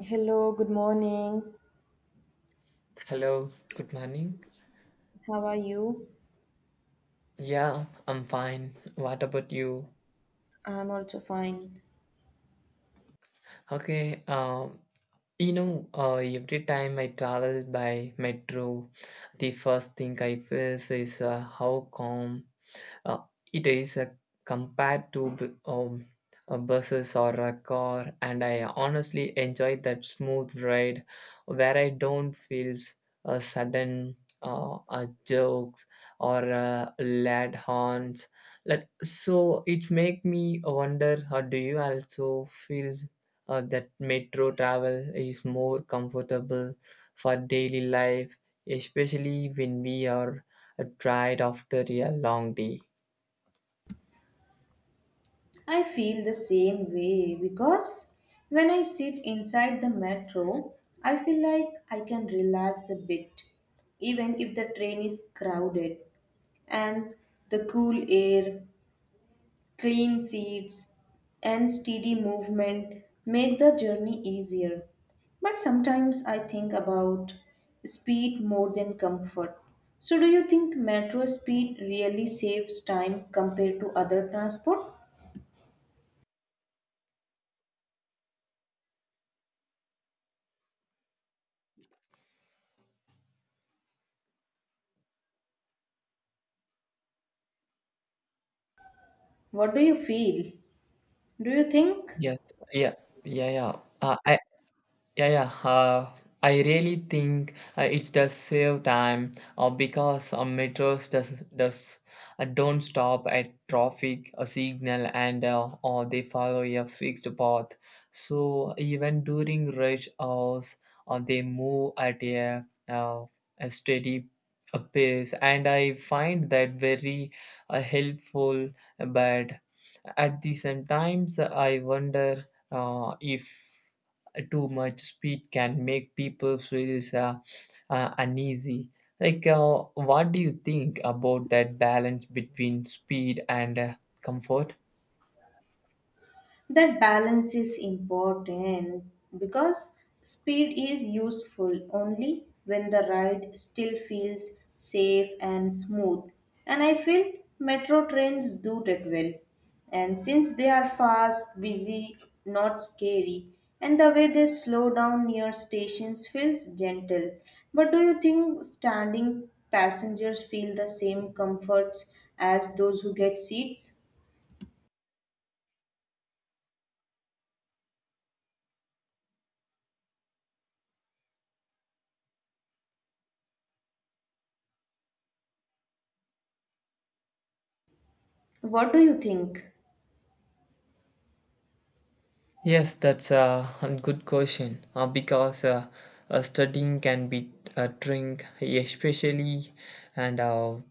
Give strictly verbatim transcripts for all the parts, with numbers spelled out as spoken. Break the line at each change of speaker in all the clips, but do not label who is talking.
Hello, good morning.
Hello, good morning.
How are you?
Yeah, I'm fine. What about you?
I'm also fine.
Okay, um, you know, uh, every time I travel by metro, the first thing I feel is uh, how calm uh, it is, uh, compared to b- um, uh, buses or a car, and I honestly enjoy that smooth ride where I don't feel s- a sudden uh, uh, jokes or uh, loud horns, like so it make me wonder, how do you also feel uh, that metro travel is more comfortable for daily life, especially when we are uh, tired after a long day?
I feel the same way because when I sit inside the metro, I feel like I can relax a bit, even if the train is crowded and the cool air clean seats and steady movement make the journey easier. But sometimes I think about speed more than comfort. So, do you think metro speed really saves time compared to other transport? What do you feel? Do you think?
Yes. Yeah. Yeah, yeah. Uh, I yeah, yeah. Uh, I really think uh, it does save time uh, because uh, metros does does uh, don't stop at traffic a signal, and uh, or they follow a fixed path. So even during rush hours, uh, they move at a uh, a steady uh, pace, and I find that very uh, helpful. But at the same times, I wonder uh, if too much speed can make people feel uh, uh, uneasy. Like, uh, what do you think about that balance between speed and uh, comfort?
That balance is important because speed is useful only when the ride still feels safe and smooth. And I feel metro trains do that well. And since they are fast, busy, not scary, and the way they slow down near stations feels gentle. But do you think standing passengers feel the same comforts as those who get seats? What do you think?
Yes, that's uh, a good question uh, because uh, uh, studying can be a drink, especially, and uh,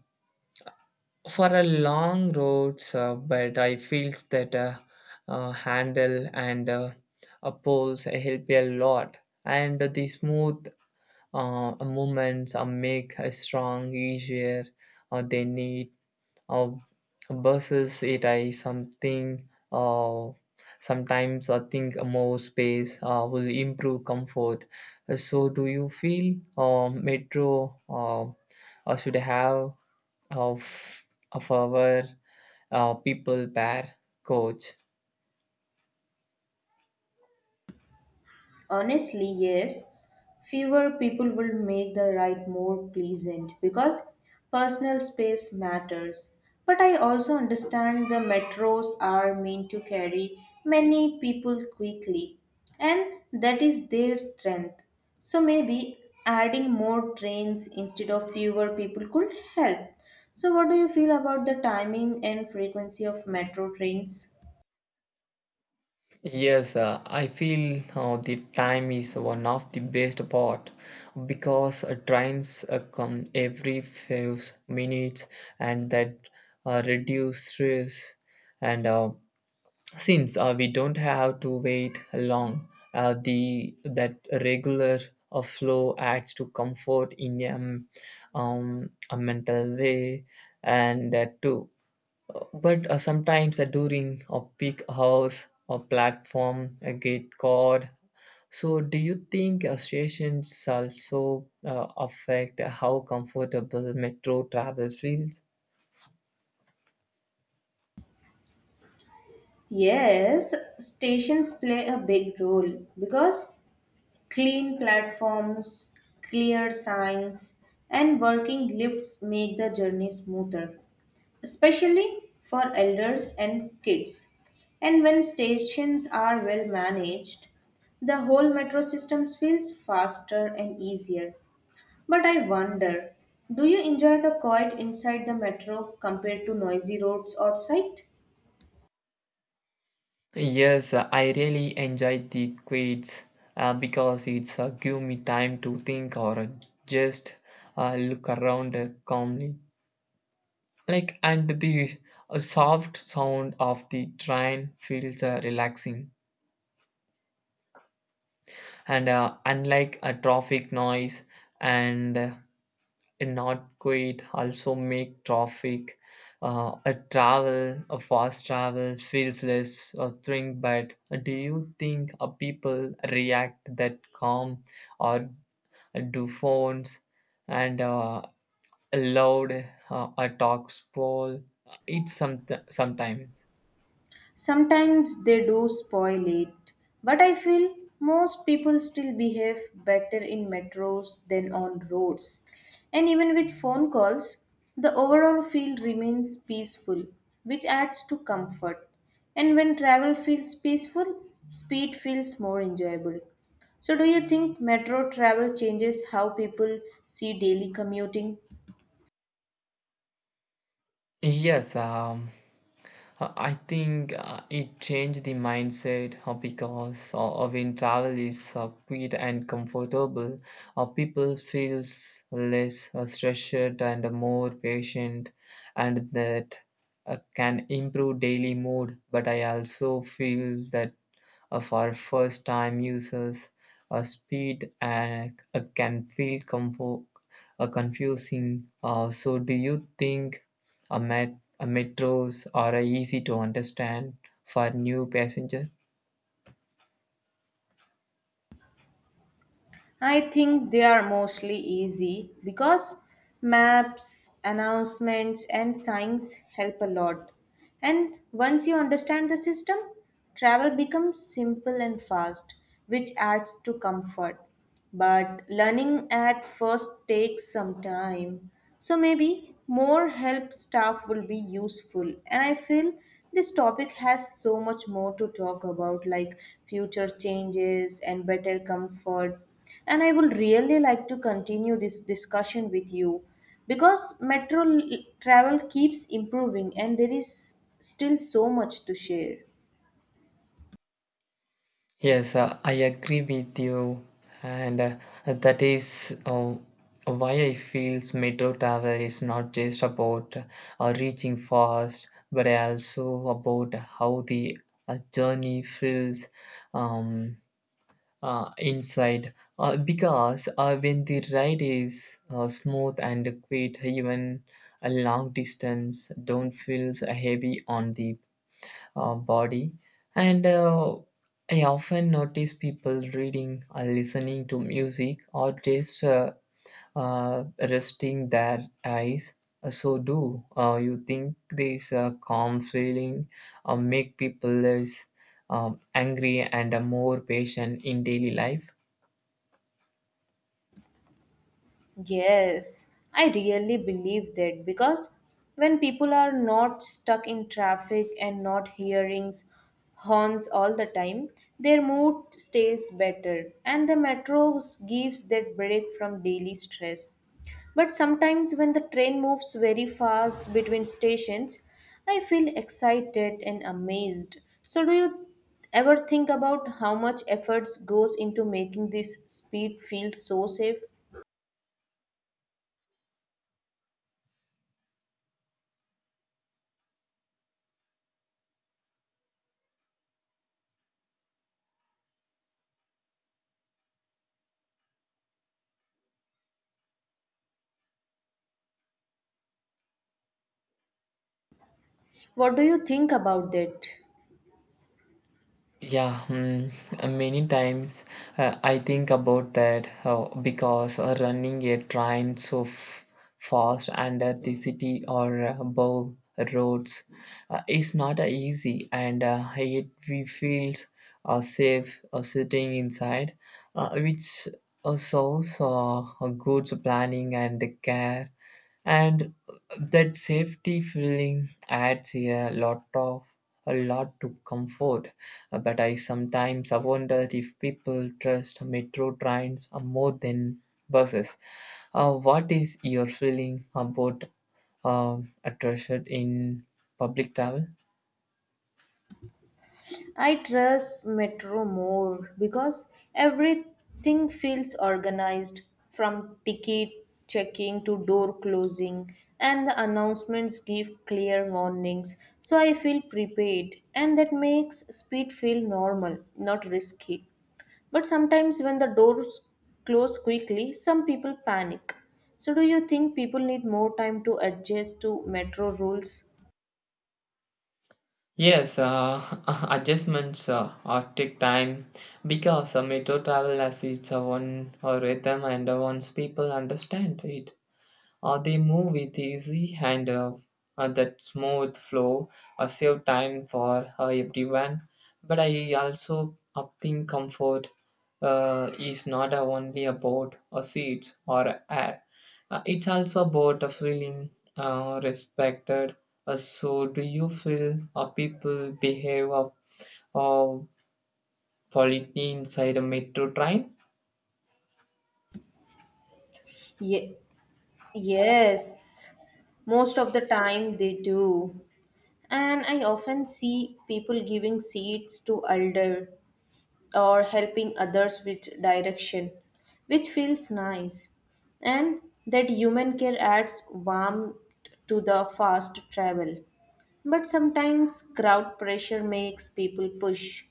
for a long roads. Uh, but I feel that uh, uh, handle and uh, a poles help a lot, and the smooth uh, movements uh, make a strong easier, uh, they need uh, buses, it I something, uh, sometimes I think more space uh, will improve comfort. Uh, so do you feel uh, metro uh, uh, should have of of our uh, people per coach?
Honestly, yes. Fewer people will make the ride more pleasant because personal space matters. But I also understand the metros are meant to carry many people quickly, and that is their strength. So maybe adding more trains instead of fewer people could help. So, what do you feel about the timing and frequency of metro trains?
Yes, uh, I feel uh, the time is one of the best part, because uh, trains uh, come every five minutes, and that uh, reduce stress. And uh, since uh, we don't have to wait long, uh, the that regular uh, flow adds to comfort in um, um, a mental way, and that too. But uh, sometimes uh, during a peak hours, or platform uh, get caught. So do you think uh, stations also uh, affect how comfortable metro travel feels?
Yes, stations play a big role because clean platforms, clear signs, and working lifts make the journey smoother, especially for elders and kids. And when stations are well managed, the whole metro system feels faster and easier. But I wonder, do you enjoy the quiet inside the metro compared to noisy roads outside?
Yes, uh, I really enjoy the quiz, uh, because it's uh, give me time to think, or uh, just uh, look around uh, calmly, like, and the uh, soft sound of the train feels uh, relaxing, and uh, unlike a traffic noise. And uh, not quite also make traffic uh, a travel a fast travel feels less a thing. But do you think uh, people react that calm, or do phones and uh, loud uh, a talk spoil it's some sometimes?
Sometimes they do spoil it, but I feel most people still behave better in metros than on roads. And even with phone calls, the overall feel remains peaceful, which adds to comfort. And when travel feels peaceful, speed feels more enjoyable. So, do you think metro travel changes how people see daily commuting?
Yes, um, uh, I think uh, it changed the mindset, uh, because uh, uh, when travel is uh, quick and comfortable, uh, people feels less uh, stressed and more patient, and that uh, can improve daily mood. But I also feel that uh, for first time users, uh, speed and uh, can feel comfort, uh, confusing. Uh, so, do you think? A, met- a metros are easy to understand for new passenger.
I think they are mostly easy because maps, announcements, and signs help a lot. And once you understand the system, travel becomes simple and fast, which adds to comfort. But learning at first takes some time. So maybe more help staff will be useful. And I feel this topic has so much more to talk about, like future changes and better comfort. And I would really like to continue this discussion with you because metro l- travel keeps improving and there is still so much to share.
Yes, uh, I agree with you, and uh, that is uh, why I feel metro travel is not just about uh, reaching fast, but also about how the uh, journey feels. Um, uh, Inside, uh, because uh, when the ride is uh, smooth and quick, even a long distance don't feel so heavy on the uh, body. And uh, I often notice people reading, or listening to music, or just uh, uh, resting their eyes. Uh, so do uh, you think this uh, calm feeling uh, make people less um, angry and uh, more patient in daily life?
Yes, I really believe that because when people are not stuck in traffic and not hearing horns all the time, their mood stays better and the metro gives that break from daily stress. But sometimes when the train moves very fast between stations, I feel excited and amazed. So do you ever think about how much efforts goes into making this speed feel so safe? What do you think about that?
Yeah, hmm, uh, many times uh, I think about that, uh, because uh, running a train so f- fast under the city, or uh, above roads, uh, is not uh, easy, and uh, yet we feel uh, safe uh, sitting inside, uh, which uh, shows uh, a good planning and care, and that safety feeling adds a lot of a lot to comfort. Uh, but I sometimes wonder if people trust metro trains uh, more than buses. Uh, what is your feeling about um, a trusted in public travel?
I trust Metro more because everything feels organized from ticket checking to door closing, and the announcements give clear warnings. So I feel prepared, and that makes speed feel normal, not risky. But sometimes when the doors close quickly, some people panic. So do you think people need more time to adjust to metro rules?
Yes, uh, adjustments uh, or take time, because uh, metro travel has its own uh, rhythm, and uh, once people understand it, Uh, they move with easy, and uh, uh, that smooth flow uh, save time for uh, everyone. But I also uh, think comfort uh, is not uh, only about uh, seats or air. Uh, it's also about uh, feeling uh, respected. Uh, so, do you feel uh, people behave uh, uh, politely inside a metro train?
Yeah, yes, most of the time they do. And I often see people giving seats to elder or helping others with direction, which feels nice. And that human care adds warmth to the fast travel. But sometimes crowd pressure makes people push.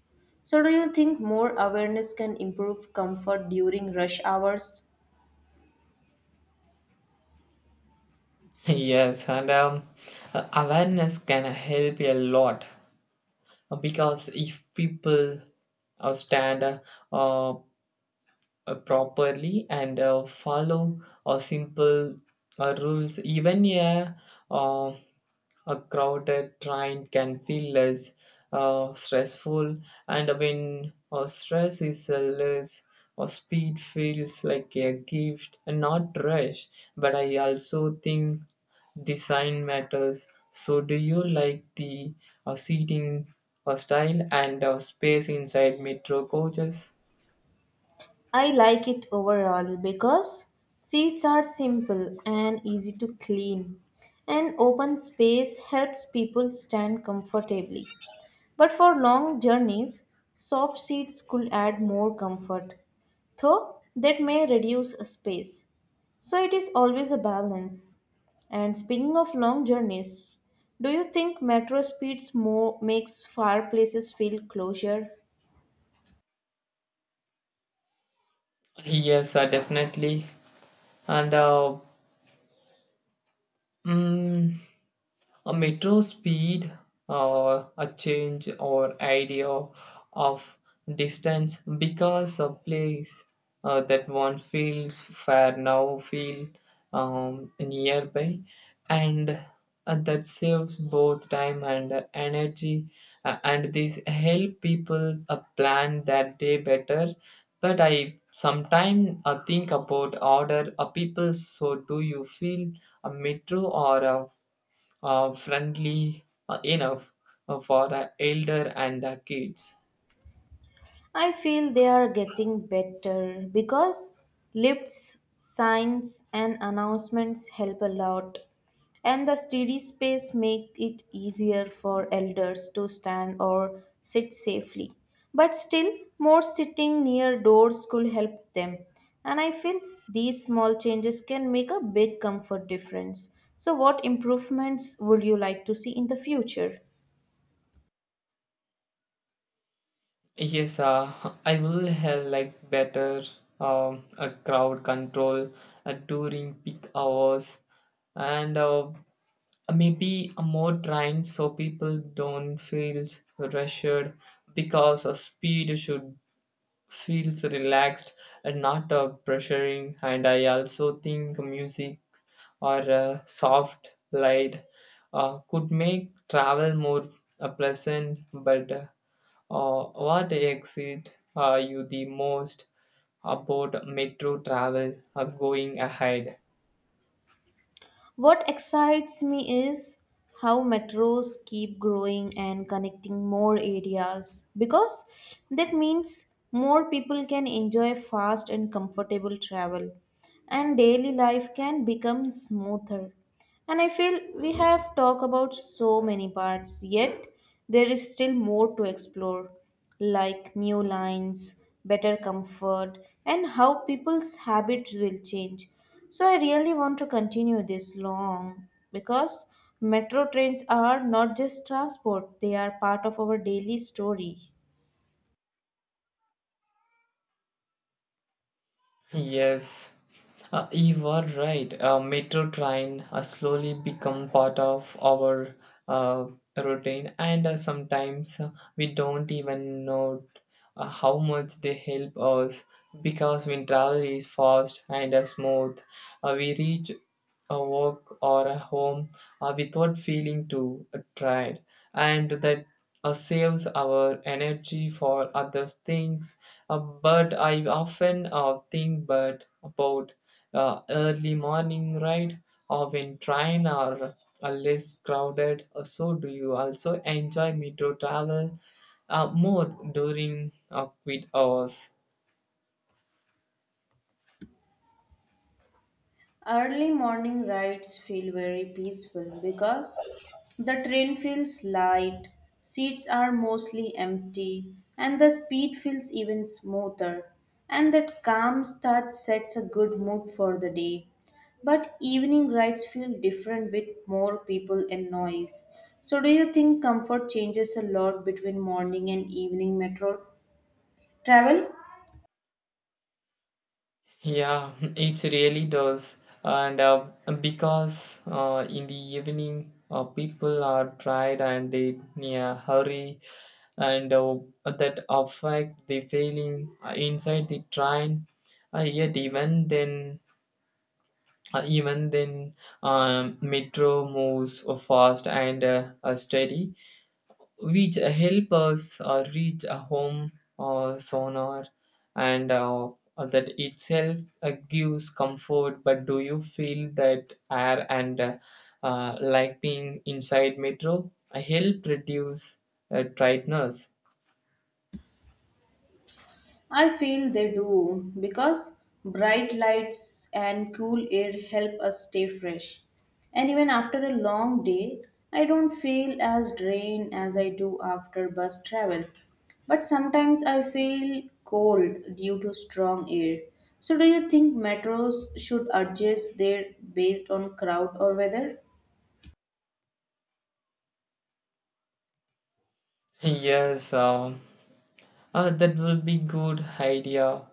So do you think more awareness can improve comfort during rush hours?
Yes, and um, uh, awareness can help a lot. Uh, because if people uh, stand uh, uh, properly, and uh, follow uh, simple uh, rules, even a uh, a crowded train can feel less uh, stressful, and when uh, stress is uh, less, or speed feels like a gift and not rush. But I also think design matters. So, do you like the uh, seating uh, style and uh, space inside metro coaches?
I like it overall because seats are simple and easy to clean, and open space helps people stand comfortably. But for long journeys, soft seats could add more comfort, though that may reduce a space. So it is always a balance. And speaking of long journeys, do you think metro speeds more makes far places feel closer?
Yes, uh, definitely. And uh, mm, a metro speed, or a change or idea of distance, because a place uh, that one feels far now feel um, nearby, and uh, that saves both time and uh, energy. Uh, and this help people uh, plan their day better. But I sometimes uh, think about order. Uh, people, so do you feel a metro or a uh, friendly uh, enough uh, for uh, elder and uh, kids?
I feel they are getting better because lifts, signs, and announcements help a lot. And the steady space make it easier for elders to stand or sit safely. But still, more sitting near doors could help them. And I feel these small changes can make a big comfort difference. So, what improvements would you like to see in the future?
Yes, uh, I will have like better um, a crowd control uh, during peak hours, and uh, maybe a more time, so people don't feel rushed, because of speed should feels relaxed and not uh, pressuring. And I also think music or a soft light uh, could make travel more uh, pleasant. But uh, uh, what exit are you the most about metro travel uh, going ahead?
What excites me is how metros keep growing and connecting more areas because that means more people can enjoy fast and comfortable travel and daily life can become smoother. And I feel we have talked about so many parts, yet there is still more to explore, like new lines, better comfort, and how people's habits will change. So I really want to continue this long because metro trains are not just transport, they are part of our daily story.
Yes, uh, you are right. Uh, metro train uh, slowly become part of our uh, routine, and uh, sometimes uh, we don't even know uh, how much they help us, because when travel is fast and uh, smooth, uh, we reach a work or a home uh, without feeling too tired, and that uh, saves our energy for other things. Uh, but I often uh, think but about uh, early morning ride, or when train are uh, less crowded. Uh, So do you also enjoy metro travel uh, more during uh, quit hours?
Early morning rides feel very peaceful because the train feels light, seats are mostly empty, and the speed feels even smoother. And that calm start sets a good mood for the day. But evening rides feel different with more people and noise. So, do you think comfort changes a lot between morning and evening metro travel?
Yeah, it really does. And uh, because uh, in the evening, uh, people are tired and they in a hurry, and uh, that affect the feeling uh, inside the train. Uh, yet even then, uh, even then, um, metro moves fast and uh, uh, steady, which help us uh, reach a home or sonar, and uh, that itself uh, gives comfort. But do you feel that air and uh, uh, lighting inside metro uh, help reduce uh, tightness?
I feel they do because bright lights and cool air help us stay fresh. And even after a long day, I don't feel as drained as I do after bus travel. But sometimes I feel cold due to strong air. So, do you think metros should adjust their based on crowd or weather?
Yes, uh, uh, that will be good idea,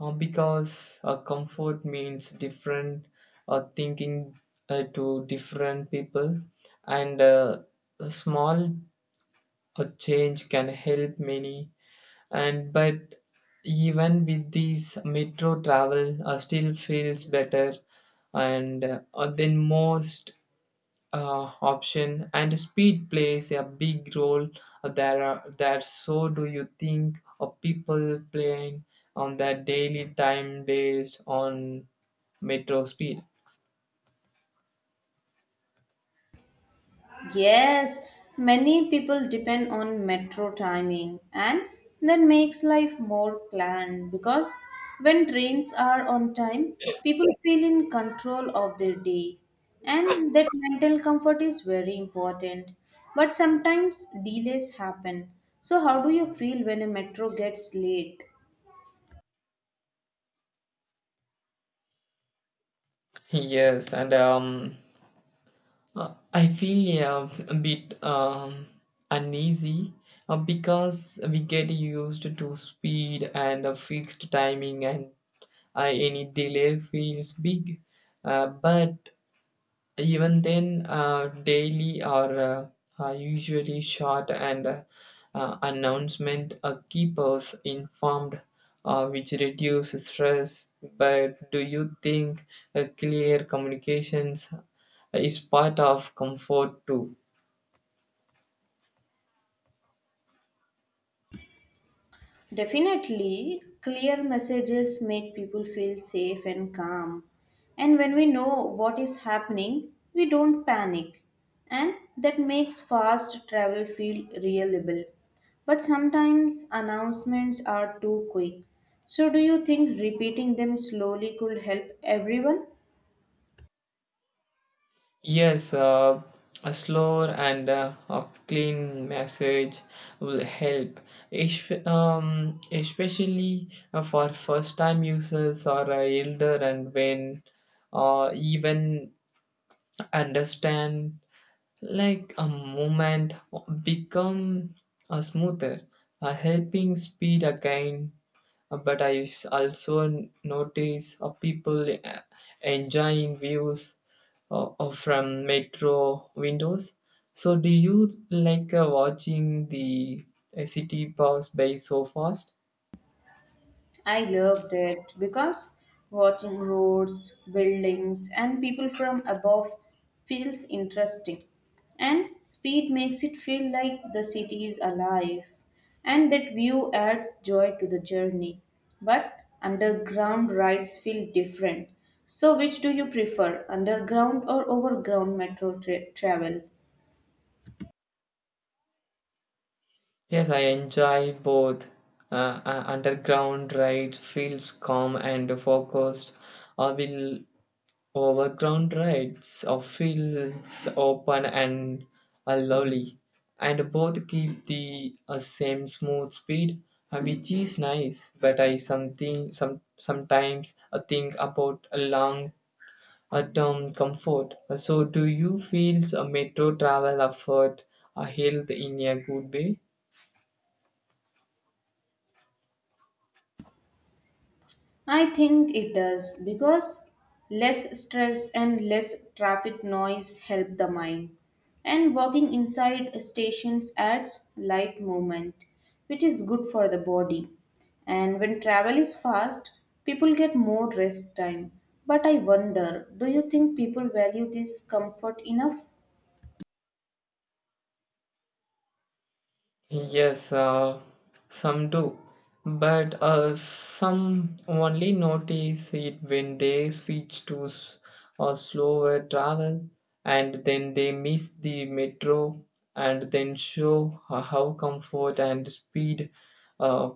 uh, because uh, comfort means different uh, thinking uh, to different people, and uh, small a change can help many, and but even with these, metro travel uh, still feels better and uh, than most uh, option. And speed plays a big role uh, there. Are, there, so do you think of people playing on their daily time based on metro speed?
Yes, many people depend on metro timing, and that makes life more planned because when trains are on time, people feel in control of their day, and that mental comfort is very important. But sometimes delays happen. So, how do you feel when a metro gets late?
Yes, and um, Uh, I feel uh, a bit um, uneasy, uh, because we get used to speed and a fixed timing, and uh, any delay feels big. Uh, but even then, uh, daily or uh, are usually short, and uh, uh, announcement uh, keep us informed, uh, which reduce stress. But do you think uh, clear communications is part of comfort too?
Definitely, clear messages make people feel safe and calm. And when we know what is happening, we don't panic. And that makes fast travel feel reliable. But sometimes announcements are too quick. So, do you think repeating them slowly could help everyone?
Yes, uh, a slower and uh, a clean message will help, Espe- um, especially uh, for first-time users, or uh, elder, and when uh, even understand, like a movement become a smoother a helping speed again. Uh, but i s- also notice uh, people uh, enjoying views uh, uh, from metro windows. So do you like uh, watching the uh, city pass by so fast?
I loved it because watching roads, buildings, and people from above feels interesting. And speed makes it feel like the city is alive. And that view adds joy to the journey. But underground rides feel different. So, which do you prefer, underground or overground metro tra- travel?
Yes, I enjoy both. Uh, uh, underground ride feels calm and focused, I will overground rides of fields open and are lovely, and both keep the uh, same smooth speed, uh, which is nice. But I something some sometimes I think about a long uh, term comfort. Uh, So, do you feel a metro travel afford uh, health in a good way?
I think it does because less stress and less traffic noise help the mind. And walking inside stations adds light movement, which is good for the body. And when travel is fast, people get more rest time. But I wonder, do you think people value this comfort enough?
Yes, uh, some do, but uh, some only notice it when they switch to s- or slower travel, and then they miss the metro, and then show ho- how comfort and speed uh,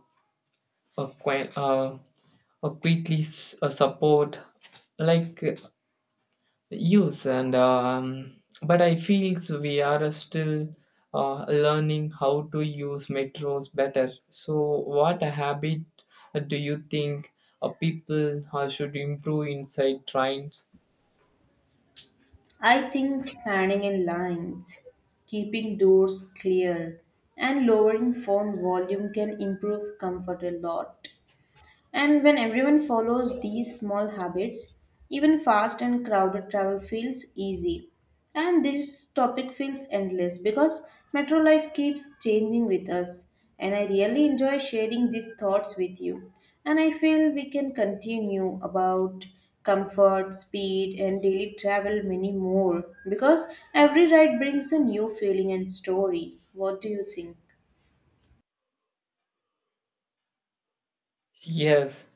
uh, qui- uh, uh, quickly s- uh, support. Like use and um, but I feel so we are still uh, learning how to use metros better. So what habit uh, do you think uh, people uh, should improve inside trains?
I think standing in lines, keeping doors clear, and lowering phone volume can improve comfort a lot. And when everyone follows these small habits, even fast and crowded travel feels easy. And this topic feels endless because metro life keeps changing with us. And I really enjoy sharing these thoughts with you. And I feel we can continue about comfort, speed, and daily travel many more because every ride brings a new feeling and story. What do you think?
Yes.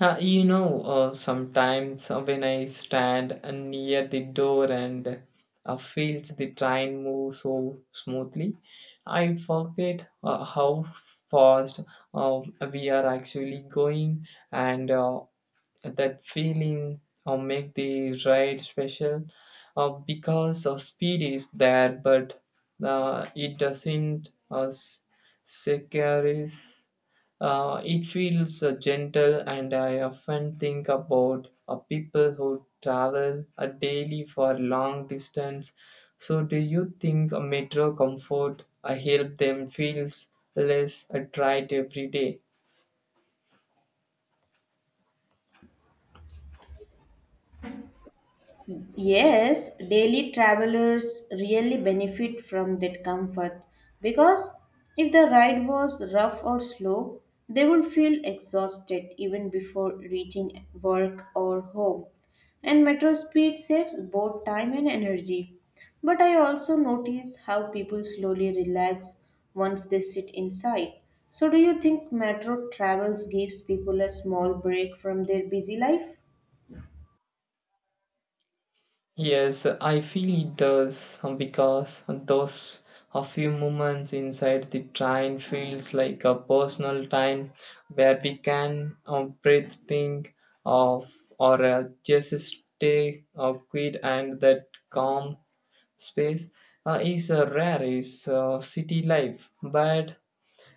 Uh, you know, uh, sometimes uh, when I stand uh, near the door and uh, feels the train move so smoothly, I forget uh, how fast uh, we are actually going, and uh, that feeling uh, make the ride special, uh, because uh, speed is there, but uh, it doesn't uh, s- secure is. Uh, it feels uh, gentle, and I often think about uh, people who travel uh, daily for long distance. So, do you think a metro comfort uh, help them feels less uh, tried every day?
Yes, daily travelers really benefit from that comfort because if the ride was rough or slow, they would feel exhausted even before reaching work or home. And metro speed saves both time and energy. But I also notice how people slowly relax once they sit inside. So, do you think metro travels gives people a small break from their busy life?
Yes, I feel it does, um, because those a few moments inside the train feels like a personal time where we can um, breathe, think of, or uh, just stay uh, quiet, and that calm space uh, is uh, rare is uh, city life. But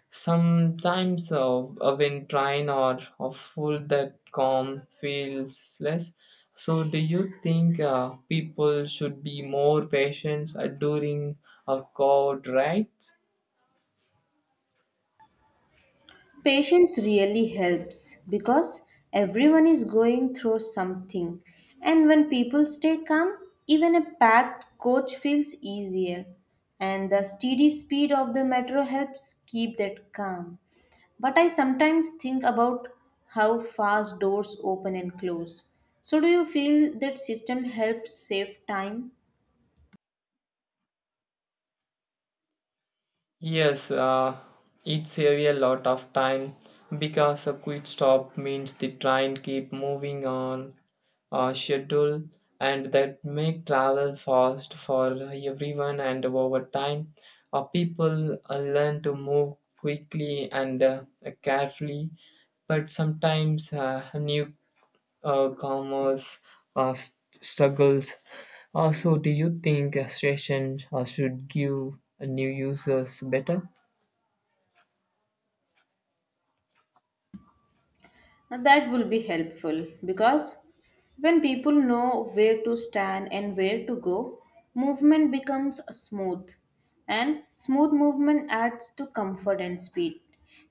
sometimes uh, uh, when trying or or full, that calm feels less. So, do you think uh, people should be more patient uh, during a cold, right?
Patience really helps because everyone is going through something, and when people stay calm, even a packed coach feels easier. And the steady speed of the metro helps keep that calm. But I sometimes think about how fast doors open and close. So, do you feel that system helps save time?
Yes, uh, it saves a lot of time, because a quick stop means the train keep moving on a schedule, and that make travel fast for everyone. And over time uh, people uh, learn to move quickly and uh, carefully. But sometimes uh, new uh, commerce uh, st- struggles. Also, do you think a station uh, should give new users better?
Now that will be helpful because when people know where to stand and where to go, movement becomes smooth and smooth movement adds to comfort and speed.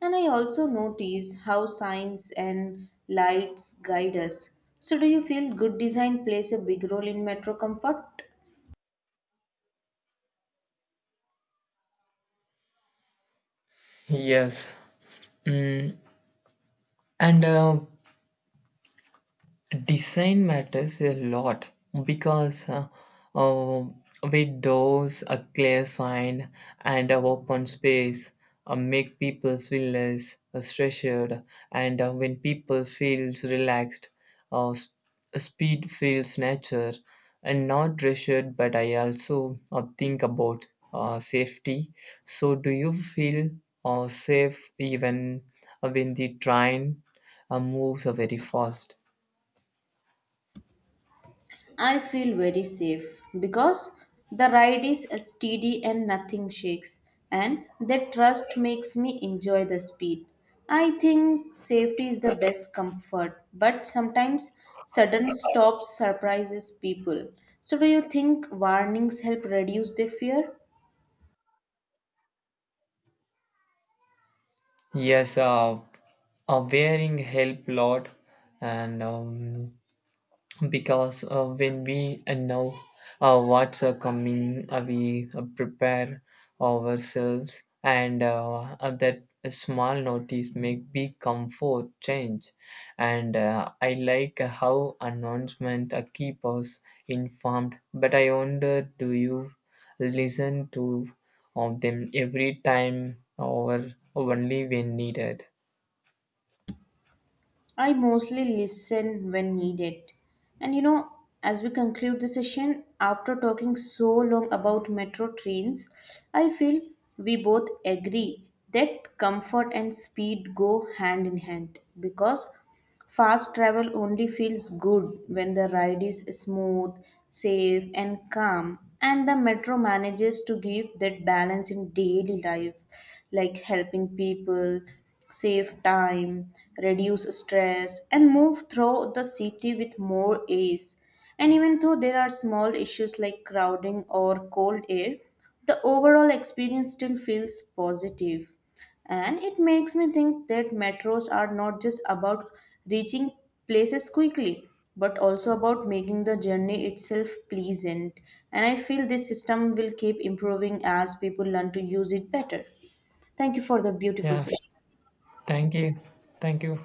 And I also notice how signs and lights guide us. So, do you feel good design plays a big role in metro comfort?
Yes. Mm. And uh, design matters a lot, because uh, uh, with doors, a clear sign, and a open space uh, make people feel less stressed. And uh, when people feels relaxed, uh, s- speed feels nature and not pressured. But I also uh, think about uh, safety. So, do you feel uh, safe even uh, when the train uh, moves uh, very fast?
I feel very safe because the ride is steady and nothing shakes, and that trust makes me enjoy the speed. I think safety is the best comfort, but sometimes sudden stops surprises people. So, do you think warnings help reduce that fear?
Yes, uh, uh, wearing help lot, and um, because uh, when we uh, know uh, what's uh, coming, uh, we uh, prepare ourselves, and uh, uh, that small notice make big comfort change. And uh, I like how announcement uh, keep us informed. But I wonder, do you listen to of them every time, or only when needed?
I mostly listen when needed. And you know, as we conclude the session, after talking so long about metro trains, I feel we both agree that comfort and speed go hand in hand because fast travel only feels good when the ride is smooth, safe, and calm, and the metro manages to give that balance in daily life, like helping people save time, reduce stress, and move through the city with more ease. And even though there are small issues like crowding or cold air, the overall experience still feels positive and it makes me think that metros are not just about reaching places quickly, but also about making the journey itself pleasant. And I feel this system will keep improving as people learn to use it better. Thank you for the beautiful
Yes.
session.
Thank you. Thank you.